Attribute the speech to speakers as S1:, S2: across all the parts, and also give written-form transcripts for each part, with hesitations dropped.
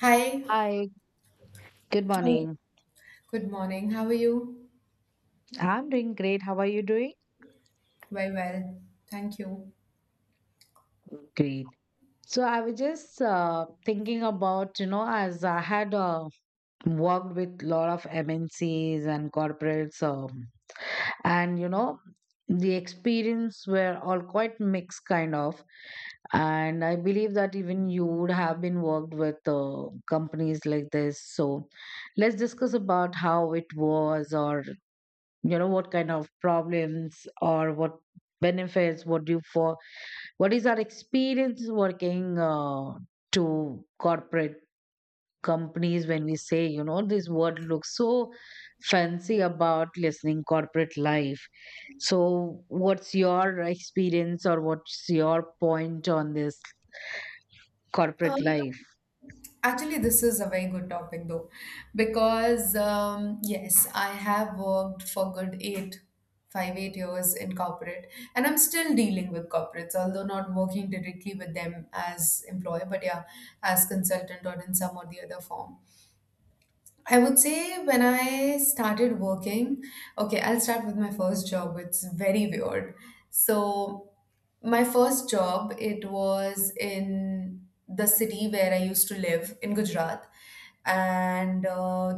S1: Hi.
S2: Hi, good
S1: Hi.
S2: morning.
S1: Good morning. How are you?
S2: I'm doing great. How are you doing?
S1: Very well. Thank you.
S2: Great. So I was just thinking about, you know, as I had worked with a lot of MNCs and corporates, and you know, the experience were all quite mixed, kind of. And I believe that even you would have been worked with companies like this. So let's discuss about how it was, or you know what kind of problems or what benefits what do you for, what is our experience working to corporate companies. When we say you know this word looks so fancy about listening corporate life, so what's your experience or what's your point on this
S1: Uh,
S2: corporate life?
S1: Actually, this is a very good topic though, because yes, I have worked for good eight, five, 8 years in corporate, and I'm still dealing with corporates, although not working directly with them as employer, but yeah, as consultant or in some or the other form. I would say when I started working, okay, I'll start with my first job. It's very weird. So, my first job, it was in the city where I used to live in Gujarat. And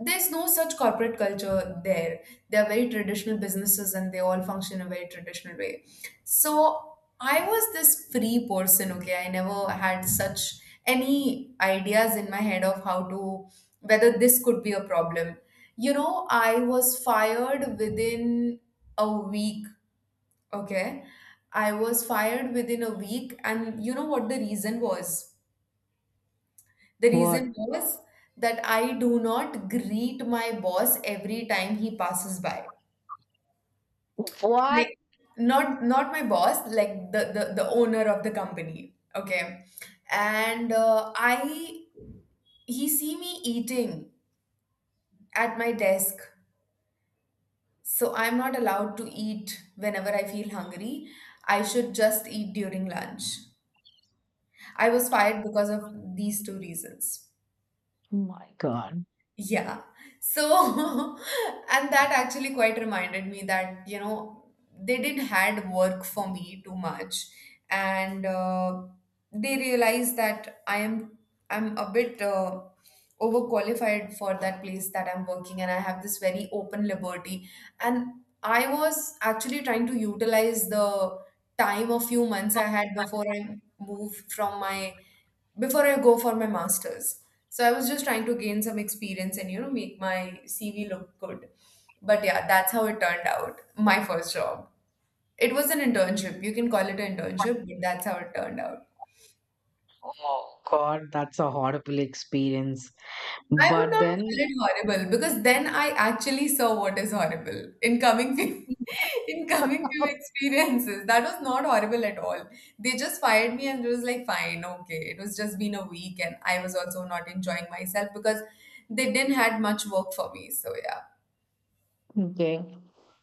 S1: There's no such corporate culture there. They are very traditional businesses and they all function in a very traditional way. So, I was this free person, okay? I never had such any ideas in my head of how to whether this could be a problem. You know, I was fired within a week, okay? I was fired within a week, and you know what the reason was? The reason
S2: what
S1: was that I do not greet my boss every time he passes by.
S2: what
S1: Like, not my boss, like the owner of the company, okay? And I He see me eating at my desk. So I'm not allowed to eat whenever I feel hungry. I should just eat during lunch. I was fired because of these two reasons.
S2: Oh my god.
S1: Yeah. So, and that actually quite reminded me that, you know, they did had work for me too much. And They realized that I'm a bit overqualified for that place that I'm working and I have this very open liberty. And I was actually trying to utilize the time a few months I had before I move from my before I go for my master's. So I was just trying to gain some experience and, you know, make my CV look good. But yeah, that's how it turned out. My first job. It was an internship. You can call it an internship, but that's how it turned out.
S2: Oh god, that's a horrible experience.
S1: I would
S2: But
S1: not
S2: then
S1: call it horrible because then I actually saw what is horrible in coming few in coming few experiences. That was not horrible at all. They just fired me and it was like fine, okay. It was just been a week and I was also not enjoying myself because they didn't had much work for me. So yeah.
S2: okay.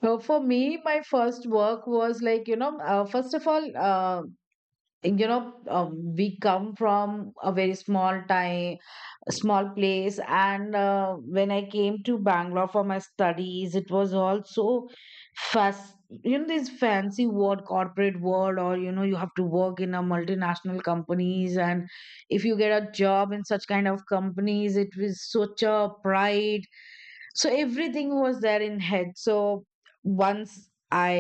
S2: So for me, my first work was like, you know, first of all, you know, we come from a very small town, a small place, and when I came to Bangalore for my studies, it was also fast, you know, this fancy word corporate world, or you know you have to work in a multinational companies, and if you get a job in such kind of companies, it was such a pride. So everything was there in head. So once I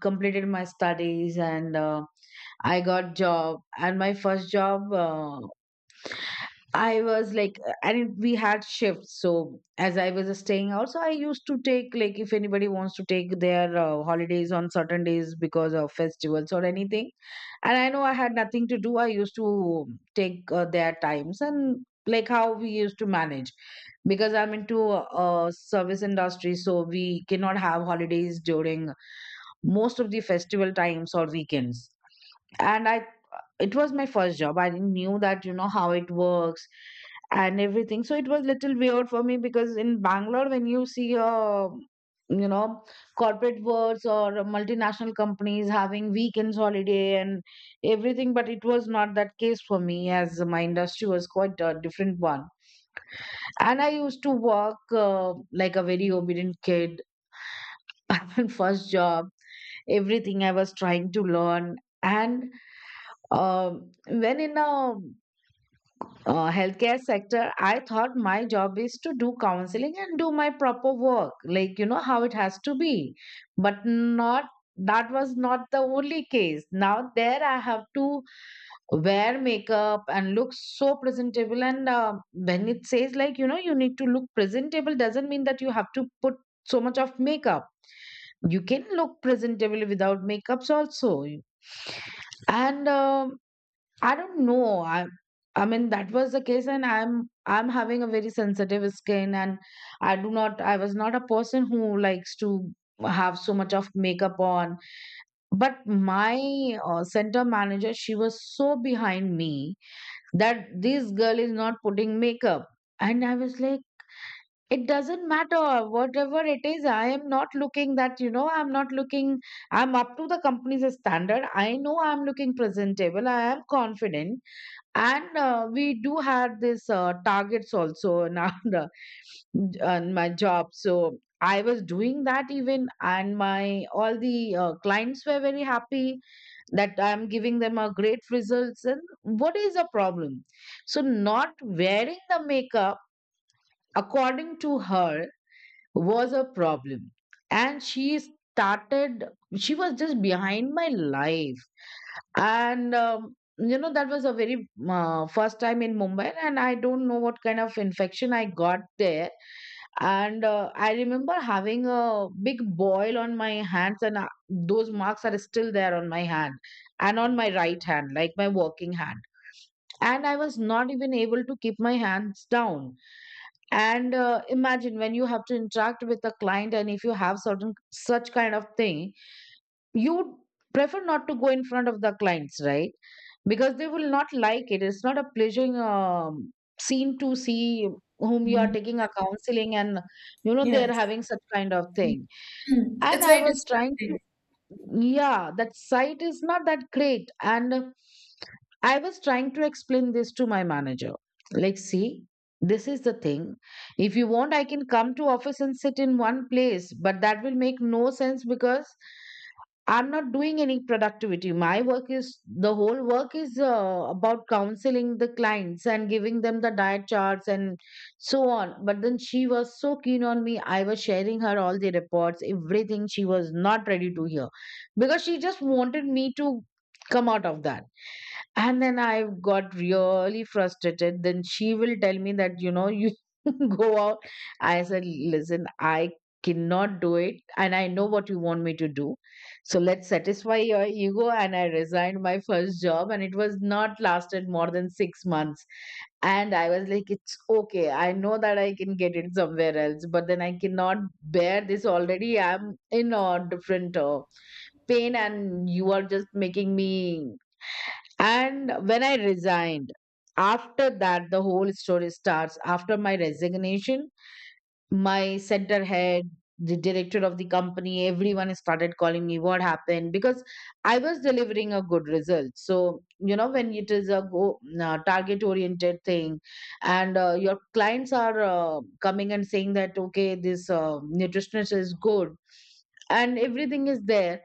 S2: completed my studies and I got job, and my first job, I was like, and we had shifts. So as I was staying out, so I used to take like if anybody wants to take their holidays on certain days because of festivals or anything. And I know I had nothing to do. I used to take their times and like how we used to manage, because I'm into service industry, so we cannot have holidays during most of the festival times or weekends. And I, it was my first job, I knew that, you know, how it works and everything. So it was little weird for me, because in Bangalore when you see a, you know, corporate worlds or multinational companies having weekends holiday and everything, but it was not that case for me, as my industry was quite a different one. And I used to work like a very obedient kid. My first job, everything I was trying to learn, and um when in a healthcare sector, I thought my job is to do counseling and do my proper work, like, you know, how it has to be. But not, that was not the only case. Now, there I have to wear makeup and look so presentable. And when it says, like, you know, you need to look presentable, doesn't mean that you have to put so much of makeup. You can look presentable without makeups also. And I don't know. I mean that was the case, and I'm having a very sensitive skin, and I do not, I was not a person who likes to have so much of makeup on, but my center manager, she was so behind me that this girl is not putting makeup. And I was like, it doesn't matter, whatever it is, I am not looking that, you know, I'm not looking, I'm up to the company's standard, I know I'm looking presentable, I am confident. And we do have this targets also in our on my job. So I was doing that even, and my all the clients were very happy that I'm giving them a great results, and what is the problem? So not wearing the makeup, according to her, was a problem. And She was just behind my life. And you know, that was a very first time in Mumbai, and I don't know what kind of infection I got there. And I remember having a big boil on my hands, and those marks are still there on my hand, and on my right hand, like my working hand, and I was not even able to keep my hands down. And imagine when you have to interact with a client, and if you have certain such kind of thing, you would prefer not to go in front of the clients, right? Because they will not like it. It's not a pleasing scene to see whom you are
S1: Mm.
S2: taking a counseling, and you know they
S1: Yeah.
S2: are having such kind of thing.
S1: Mm,
S2: And
S1: it's
S2: I
S1: very
S2: was trying,
S1: distracting.
S2: yeah that site is not that great, and I was trying to explain this to my manager, like see, this is the thing, if you want I can come to office and sit in one place, but that will make no sense because I'm not doing any productivity. My work is, the whole work is about counseling the clients and giving them the diet charts and so on. But then she was so keen on me, I was sharing her all the reports, everything, she was not ready to hear because she just wanted me to come out of that. And then I got really frustrated. Then she will tell me that, you know, you go out. I said, listen, I cannot do it, and I know what you want me to do. So let's satisfy your ego. And I resigned my first job, and it was not lasted more than 6 months. And I was like, it's okay, I know that I can get it somewhere else, but then I cannot bear this, already I'm in a different pain, and you are just making me. And when I resigned, after that, the whole story starts. After my resignation, my center head, the director of the company, everyone started calling me what happened, because I was delivering a good result. So, you know, when it is a go, target oriented thing, and your clients are coming and saying that, okay, this nutritionist is good and everything is there,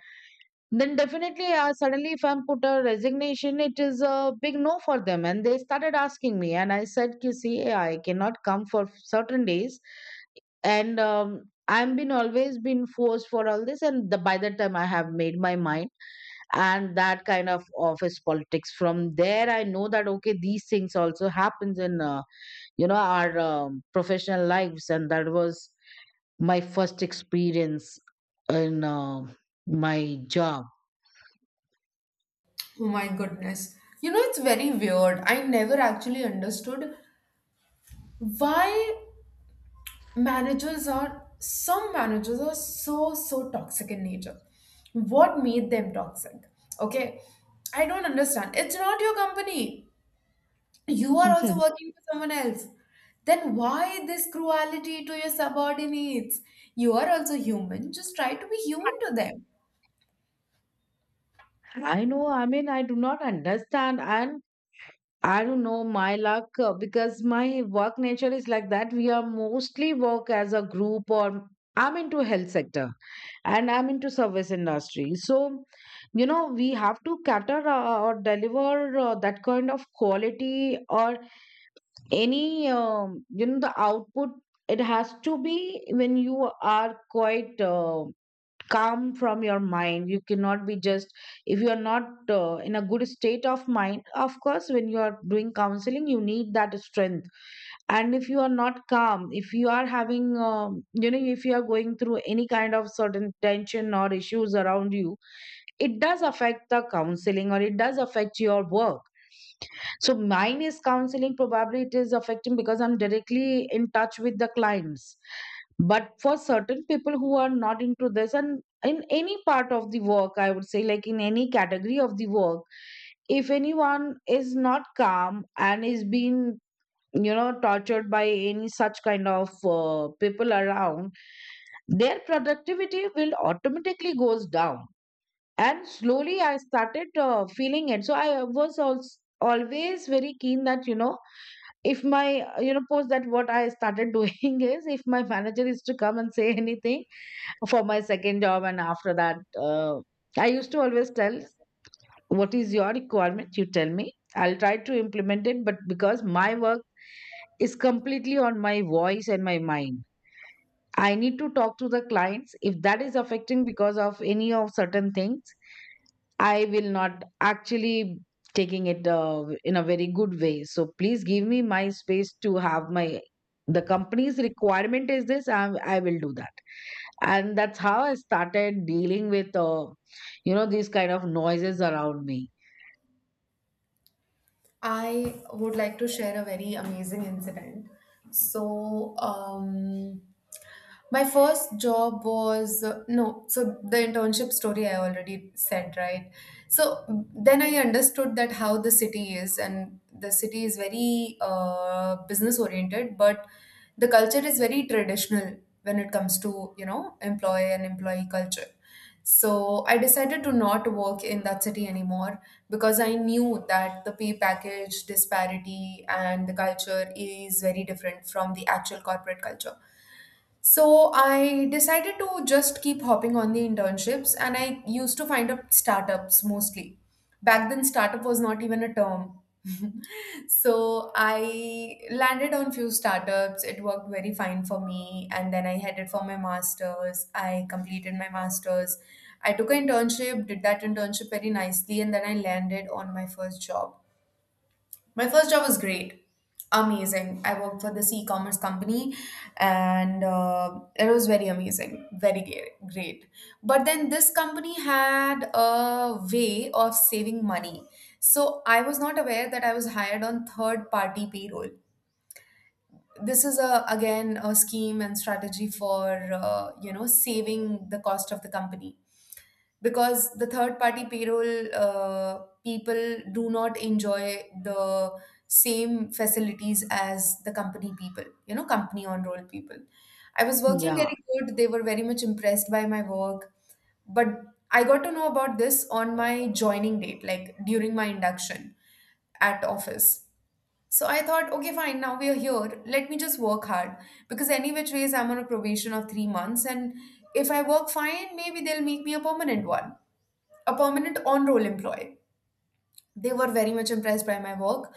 S2: then definitely suddenly if I'm put a resignation, it is a big no for them, and they started asking me, and I said, you see, I cannot come for certain days. And I'm been always been forced for all this, and the, by the time I have made my mind, and that kind of office politics from there, I know that okay, these things also happens in you know, our professional lives, and that was my first experience in my job.
S1: Oh my goodness. You know, it's very weird. I never actually understood why some managers are so, so toxic in nature. What made them toxic? Okay. I don't understand. It's not your company. You are also working for someone else. Then why this cruelty to your subordinates? You are also human. Just try to be human to them.
S2: I know, I mean, I do not understand, and I don't know my luck, because my work nature is like that. We are mostly work as a group, or I'm into health sector, and I'm into service industry. So, you know, we have to cater or deliver that kind of quality or any, you know, the output. It has to be when you are quite. Calm from your mind, you cannot be just, if you are not in a good state of mind, of course when you are doing counseling you need that strength. And if you are not calm, if you are having you know, if you are going through any kind of certain tension or issues around you, it does affect the counseling, or it does affect your work. So mine is counseling, probably it is affecting because I'm directly in touch with the clients. But for certain people who are not into this, and in any part of the work, I would say, like in any category of the work, if anyone is not calm and is being, you know, tortured by any such kind of people around, their productivity will automatically goes down. And slowly I started feeling it. So I was also always very keen that, you know, if my you know, post that what I started doing is, if my manager is to come and say anything for my second job, and after that uh, I used to always tell, what is your requirement, you tell me, I'll try to implement it. But because my work is completely on my voice and my mind, I need to talk to the clients. If that is affecting because of any of certain things, I will not actually taking it in a very good way. So please give me my space to have my, the company's requirement is this, I will do that. And that's how I started dealing with you know, these kind of noises around me.
S1: I would like to share a very amazing incident. So, my first job was no, so the internship story I already said, right? So then I understood that how the city is, and the city is very business oriented, but the culture is very traditional when it comes to, you know, employee and employee culture. So I decided to not work in that city anymore because I knew that the pay package disparity and the culture is very different from the actual corporate culture. So I decided to just keep hopping on the internships, and I used to find up startups mostly. Back then, startup was not even a term. So I landed on few startups. It worked very fine for me, and then I headed for my masters. I completed my masters. I took an internship, did that internship very nicely, and then I landed on my first job. My first job was great, amazing. I worked for this e-commerce company, and it was very amazing, great. But then this company had a way of saving money, so I was not aware that I was hired on third-party payroll. This is a again a scheme and strategy for you know, saving the cost of the company, because the third party payroll people do not enjoy the same facilities as the company people, you know, company on roll people. I was working
S2: Yeah.
S1: very good. They were very much impressed by my work, but I got to know about this on my joining date, like during my induction at office. So I thought, okay, fine, now we are here, let me just work hard, because any which ways I'm on a probation of 3 months, and if I work fine, maybe they'll make me a permanent one, a permanent on roll employee. They were very much impressed by my work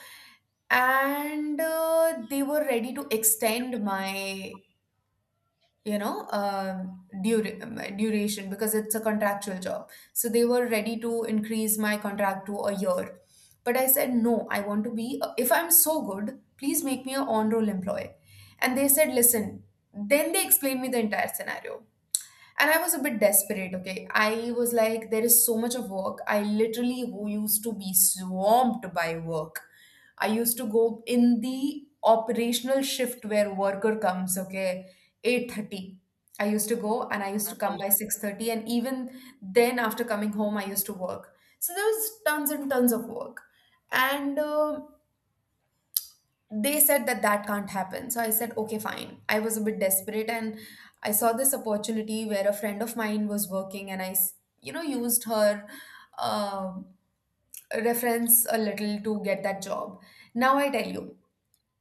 S1: and they were ready to extend my, you know, my duration, because it's a contractual job, so they were ready to increase my contract to a year. But I said no, I want to be, if I'm so good, please make me a on roll employee. And they said listen, then they explained me the entire scenario, and I was a bit desperate, okay? I was like, there is so much of work, I literally who used to be swamped by work. I used to go in the operational shift where worker comes, okay, 8:30. I used to go and I used to come by 6:30, and even then after coming home I used to work. So there was tons and tons of work. And They said that that can't happen. So I said, okay, fine. I was a bit desperate, and I saw this opportunity where a friend of mine was working, and you know, used her um reference a little to get that job. Now I tell you,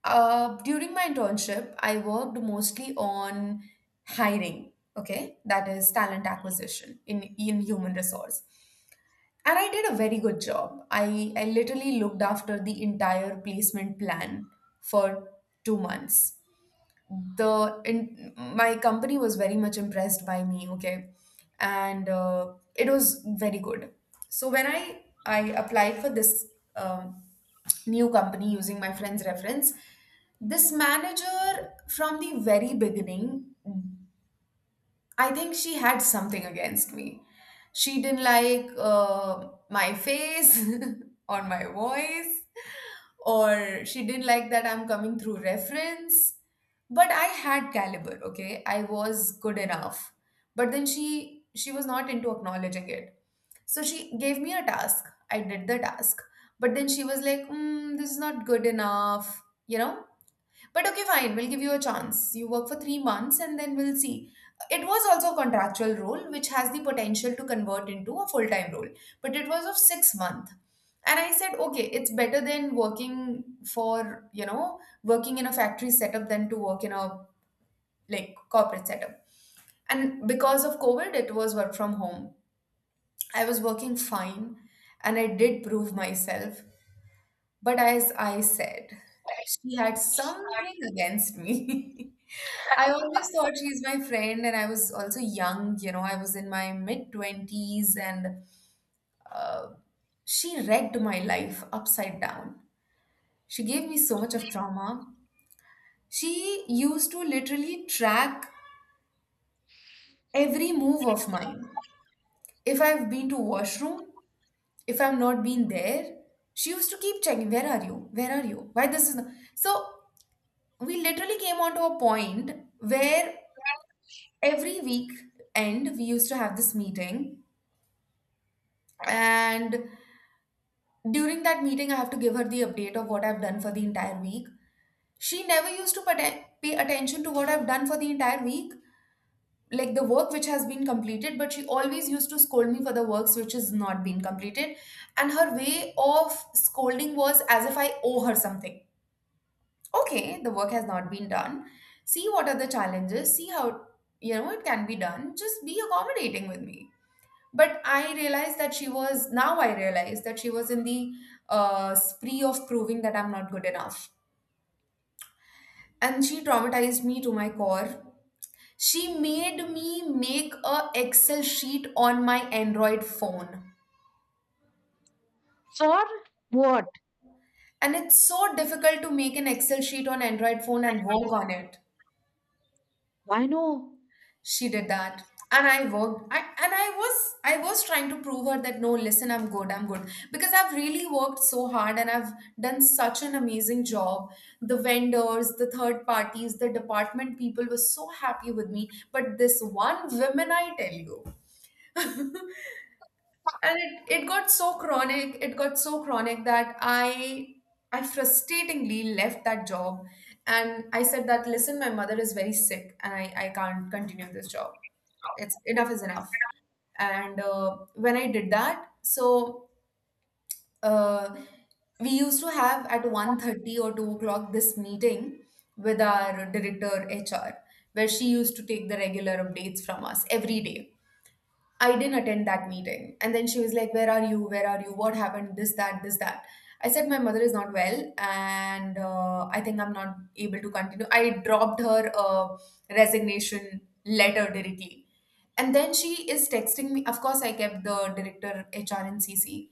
S1: during my internship, I worked mostly on hiring. Okay, that is talent acquisition in human resource. And I did a very good job. I literally looked after the entire placement plan for 2 months. My company was very much impressed by me, okay, and it was very good. So when I applied for this um, new company using my friend's reference, this manager from the very beginning, I think she had something against me. She didn't like my face, or my voice, or she didn't like that I'm coming through reference. But I had caliber, okay? I was good enough. But then she was not into acknowledging it. So she gave me a task. I did the task. But then she was like, mm, this is not good enough, you know? But okay, fine, we'll give you a chance. You work for 3 months and then we'll see. It was also a contractual role, which has the potential to convert into a full time role, but it was of 6 months. And I said, okay, it's better than working for, you know, working in a factory setup than to work in a like corporate setup. And because of COVID, it was work from home. I was working fine and I did prove myself. But as I said, she had something against me. I always thought she's my friend, and I was also young, you know, I was in my mid 20s, and uh, she wrecked my life upside down. She gave me so much of trauma. She used to literally track every move of mine. If I've been to washroom, if I've not been there, she used to keep checking, where are you? Where are you? Why this is not... So we literally came on to a point where every week end we used to have this meeting, and during that meeting I have to give her the update of what I've done for the entire week. She never used to pay attention to what I've done for the entire week, like the work which has been completed, but she always used to scold me for the works which has not been completed. And her way of scolding was as if I owe her something. Okay, the work has not been done, see what are the challenges, see how, you know, it can be done, just be accommodating with me. But I realized that she was now I realized that she was in the spree of proving that I'm not good enough, and she traumatized me to my core. She made me make a Excel sheet on my Android phone.
S2: For what?
S1: And it's so difficult to make an Excel sheet on Android phone and work on it.
S2: I know.
S1: She did that. And I was trying to prove her that, no, listen, I'm good, I'm good, because I've really worked so hard and I've done such an amazing job. The vendors, the third parties, the department people were so happy with me, but this one woman, I tell you. And it got so chronic, it got so chronic that I frustratingly left that job. And I said that, listen, my mother is very sick and I can't continue this job, it's enough is enough. And when I did that, so uh, we used to have at 1:30 or 2 o'clock this meeting with our director HR, where she used to take the regular updates from us every day. I didn't attend that meeting. And then she was like, where are you? Where are you? What happened? This, that, this, that. I said, my mother is not well, and I think I'm not able to continue. I dropped her resignation letter directly. And then she is texting me. Of course, I kept the director HR and CC.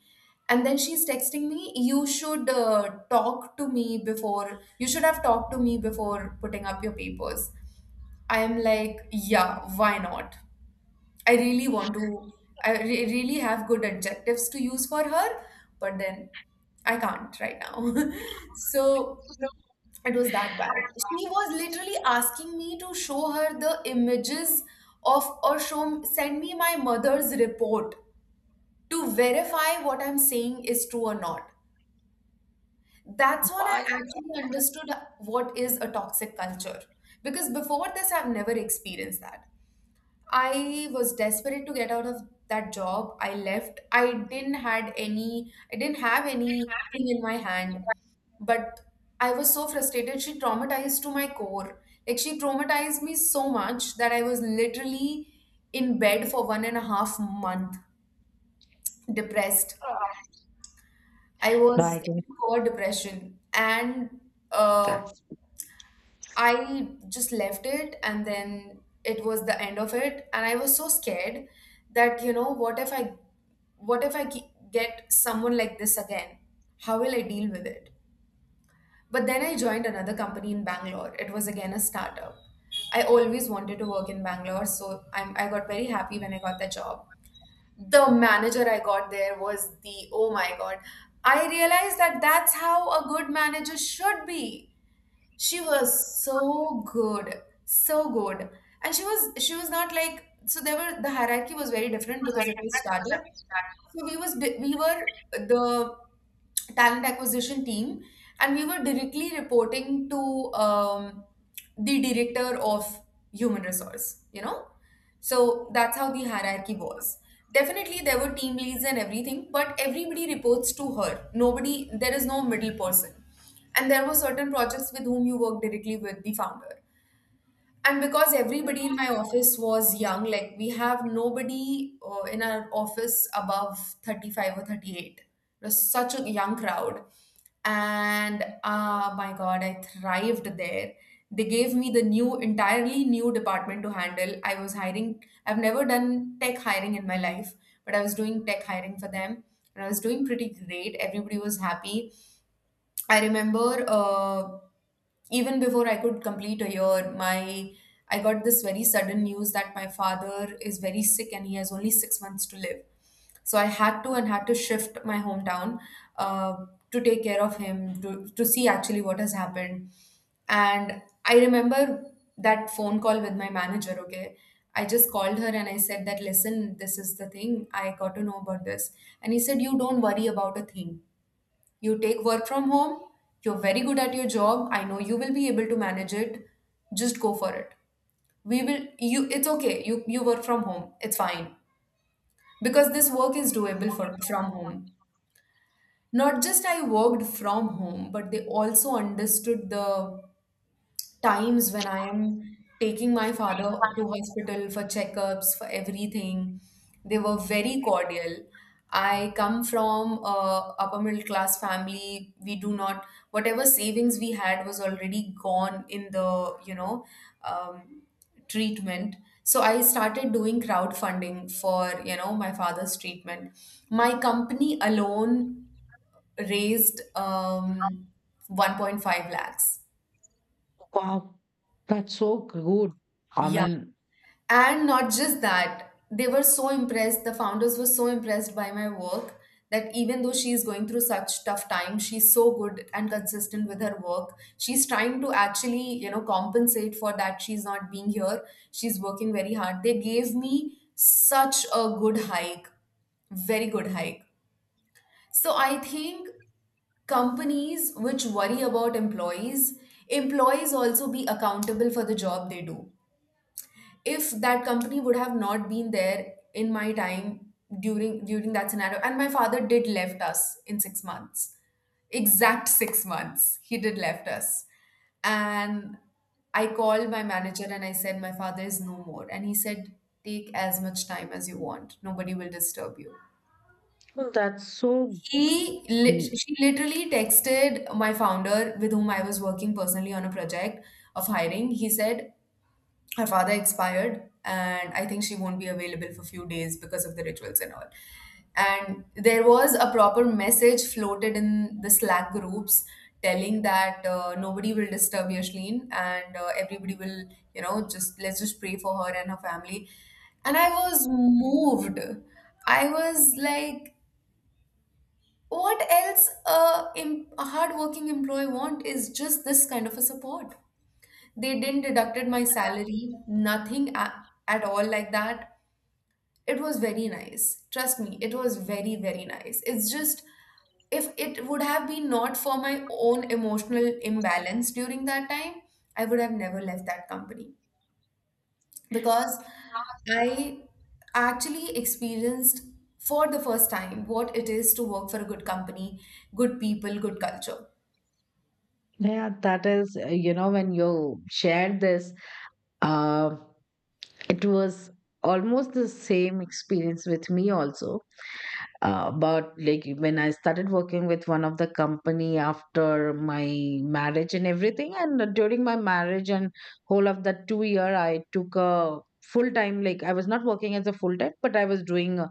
S1: And then she's texting me, you should talk to me before, you should have talked to me before putting up your papers. I am like, yeah, why not? I really want to, I really have good adjectives to use for her, but then I can't right now. So it was that bad. She was literally asking me to show her the images of, or show, send me my mother's report to verify what I'm saying is true or not. That's when I
S2: Why?
S1: actually understood what is a toxic culture. Because before this, I've never experienced that. I was desperate to get out of that job. I left. I didn't have anything in my hand. But I was so frustrated. She traumatized to my core. Like, she traumatized me so much that I was literally in bed for 1.5 month, depressed. I
S2: No, I
S1: was
S2: can,
S1: in core depression. And uh,
S2: that's,
S1: I just left it, and then it was the end of it. And I was so scared that, you know, what if I get someone like this again, how will I deal with it? But then I joined another company in Bangalore. It was again a startup. I always wanted to work in Bangalore, so I got very happy when I got that job. The manager I got there was the, oh my god, I realized that that's how a good manager should be. She was so good, so good. And she was not like, so there were, the hierarchy was very different because it was startup. So we were the talent acquisition team, and we were directly reporting to um, the director of human resource. You know, so that's how the hierarchy was. Definitely, there were team leads and everything, but everybody reports to her. Nobody, there is no middle person, and there were certain projects with whom you work directly with the founder. And because everybody in my office was young, like we have nobody in our office above 35 or 38. It was such a young crowd. And, ah, my God, I thrived there. They gave me the new, entirely new department to handle. I was hiring, I've never done tech hiring in my life, but I was doing tech hiring for them. And I was doing pretty great. Everybody was happy. I remember even before I could complete a year, my I got this very sudden news that my father is very sick and he has only six months to live. So I had to and had to shift my hometown uh, to take care of him, to see actually what has happened. And I remember that phone call with my manager. Okay, I just called her and I said that, listen, this is the thing, I got to know about this. And he said, you don't worry about a thing, you take work from home, you're very good at your job. I know you will be able to manage it. Just go for it. We will you it's okay. You work from home. It's fine. Because this work is doable for from home. Not just I worked from home, but they also understood the times when I am taking my father to hospital for checkups, for everything. They were very cordial. I come from a upper middle class family. We do not, whatever savings we had was already gone in the, you know, um, treatment. So I started doing crowdfunding for, you know, my father's treatment. My company alone raised 1.5 lakhs.
S2: wow, that's so good, I
S1: Yeah.
S2: mean,
S1: And not just that, they were so impressed, the founders were so impressed by my work that even though she is going through such tough time, she's so good and consistent with her work. She's trying to actually, you know, compensate for that she's not being here. She's working very hard. They gave me such a good hike, very good hike. So I think companies which worry about employees, employees also be accountable for the job they do. If that company would have not been there in my time, during that scenario, and my father did left us in 6 months, exact 6 months he did left us. And I called my manager and I said, my father is no more. And he said, take as much time as you want, nobody will disturb you.
S2: that's so.
S1: She literally texted my founder with whom I was working personally on a project of hiring. He said, her father expired and I think she won't be available for few days because of the rituals and all. And there was a proper message floated in the Slack groups telling that, nobody will disturb Yashlin, and everybody will, you know, just, let's just pray for her and her family. And I was moved. I was like, what else a hardworking employee want is just this kind of a support. They didn't deducted my salary, nothing at all like that. It was very nice. Trust me, it was very, very nice. It's just, if it would have been not for my own emotional imbalance during that time, I would have never left that company, because I actually experienced for the first time what it is to work for a good company, good people, good culture.
S2: Yeah, that is, you know, when you shared this, uh, it was almost the same experience with me also. But like when I started working with one of the company after my marriage and everything, and during my marriage and whole of that 2 year, I took a full time. Like I was not working as a full time, but I was doing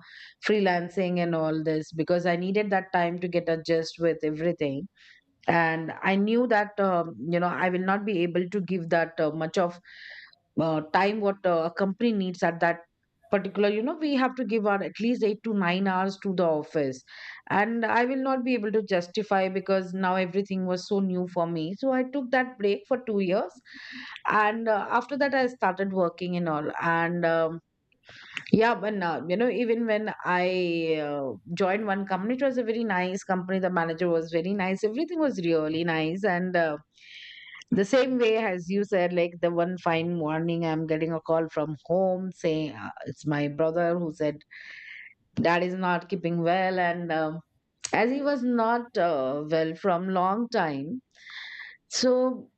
S2: freelancing and all this because I needed that time to get adjust with everything. And I knew that you know I will not be able to give that much of time what a company needs at that particular, you know, we have to give our at least 8 to 9 hours to the office. And I will not be able to justify because now everything was so new for me, so I took that break for 2 years. And after that I started working and all. And yeah, but now, you know, even when I joined one company, it was a very nice company. The manager was very nice. Everything was really nice. And the same way as you said, like the one fine morning, I'm getting a call from home saying it's my brother who said dad is not keeping well. And um, as he was not well from long time, so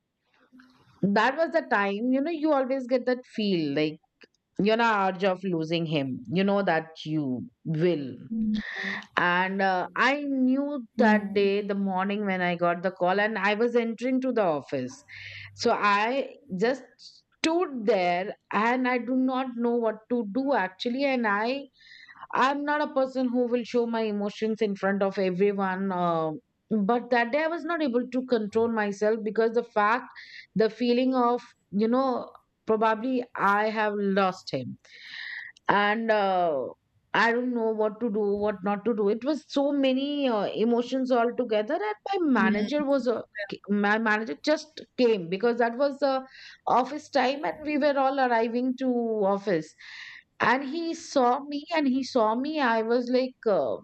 S2: that was the time, you know, you always get that feel like you're not urge of losing him, you know that you will. And I knew that
S1: Hmm.
S2: day the morning when I got the call and I was entering to the office. So I just stood there and I do not know what to do actually. And i'm not a person who will show my emotions in front of everyone, but that day I was not able to control myself because the fact, the feeling of, you know, probably I have lost him. And I don't know what to do, what not to do. It was so many emotions all together. And my manager was my manager just came because that was the office time and we were all arriving to office. And he saw me I was like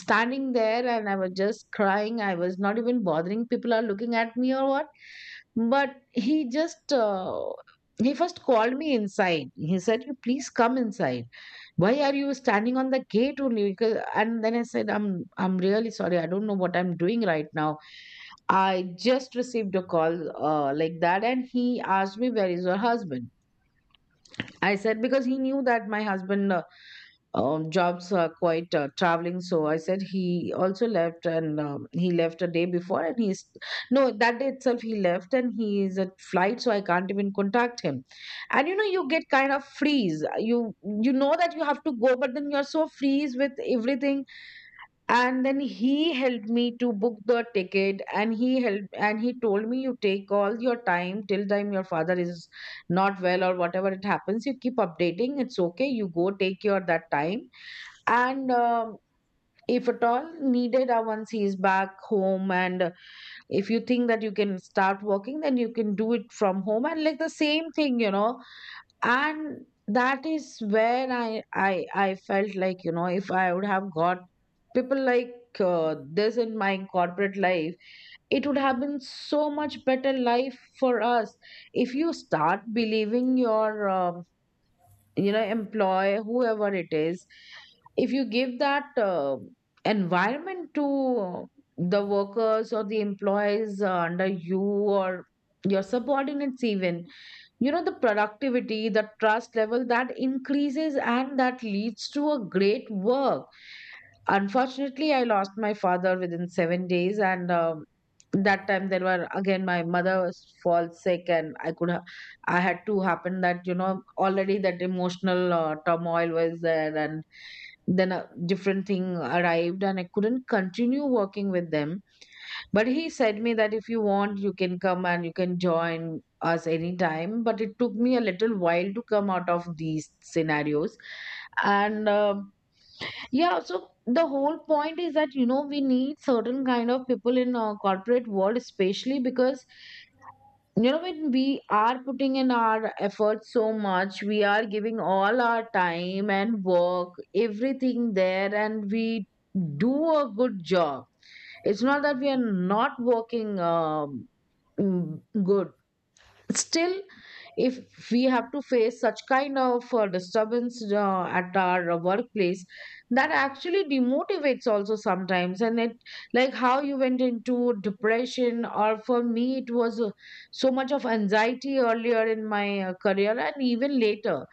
S2: standing there and I was just crying. I was not even bothering people are looking at me or what. But he just, he first called me inside. He said, "You please come inside. Why are you standing on the gate only?" Because, and then I said, I'm really sorry. I don't know what I'm doing right now. I just received a call like that, and he asked me where is your husband. I said, because he knew that my husband, jobs are quite traveling. So I said he also left and, he left a day before and he's no, that day itself he left and he is at flight. So I can't even contact him. And you know you get kind of freeze. You know that you have to go, but then you're so freeze with everything. And then he helped me to book the ticket and he helped and he told me, you take all your time till time your father is not well or whatever it happens. You keep updating. It's okay. You go take your that time. And if at all needed, once he is back home and if you think that you can start working then you can do it from home and like the same thing, you know. And that is where i felt like, you know, if I would have got people like, this in my corporate life, it would have been so much better life for us. If you start believing your you know, employ whoever it is, if you give that environment to the workers or the employees under you or your subordinates even, you know, the productivity, the trust level that increases and that leads to a great work. Unfortunately, I lost my father within 7 days, and that time there were again my mother was fall sick, and I had to happen that, you know, already that emotional turmoil was there, and then a different thing arrived, and I couldn't continue working with them. But he said me that if you want, you can come and you can join us anytime. But it took me a little while to come out of these scenarios, and. Yeah, so the whole point is that, you know, we need certain kind of people in corporate world, especially because, you know, when we are putting in our efforts so much, we are giving all our time and work, everything there, and we do a good job. It's not that we are not working good. Still, if we have to face such kind of disturbance at our workplace, that actually demotivates also sometimes. And it, like how you went into depression, or for me, it was so much of anxiety earlier in my career and even later.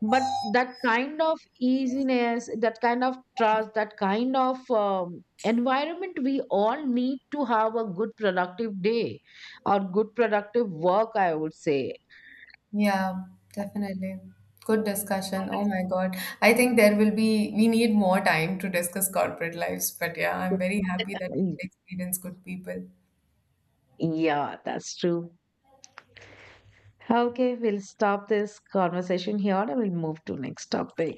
S2: But that kind of easiness, that kind of trust, that kind of environment, we all need to have a good productive day, or good productive work I would say.
S1: Yeah, definitely. Good discussion. Oh my God. I think there will be, we need more time to discuss corporate lives, but yeah, I'm very happy that we could
S2: Y-
S1: experience good people.
S2: yeah, that's true. Okay, we'll stop this conversation here and we'll move to next topic.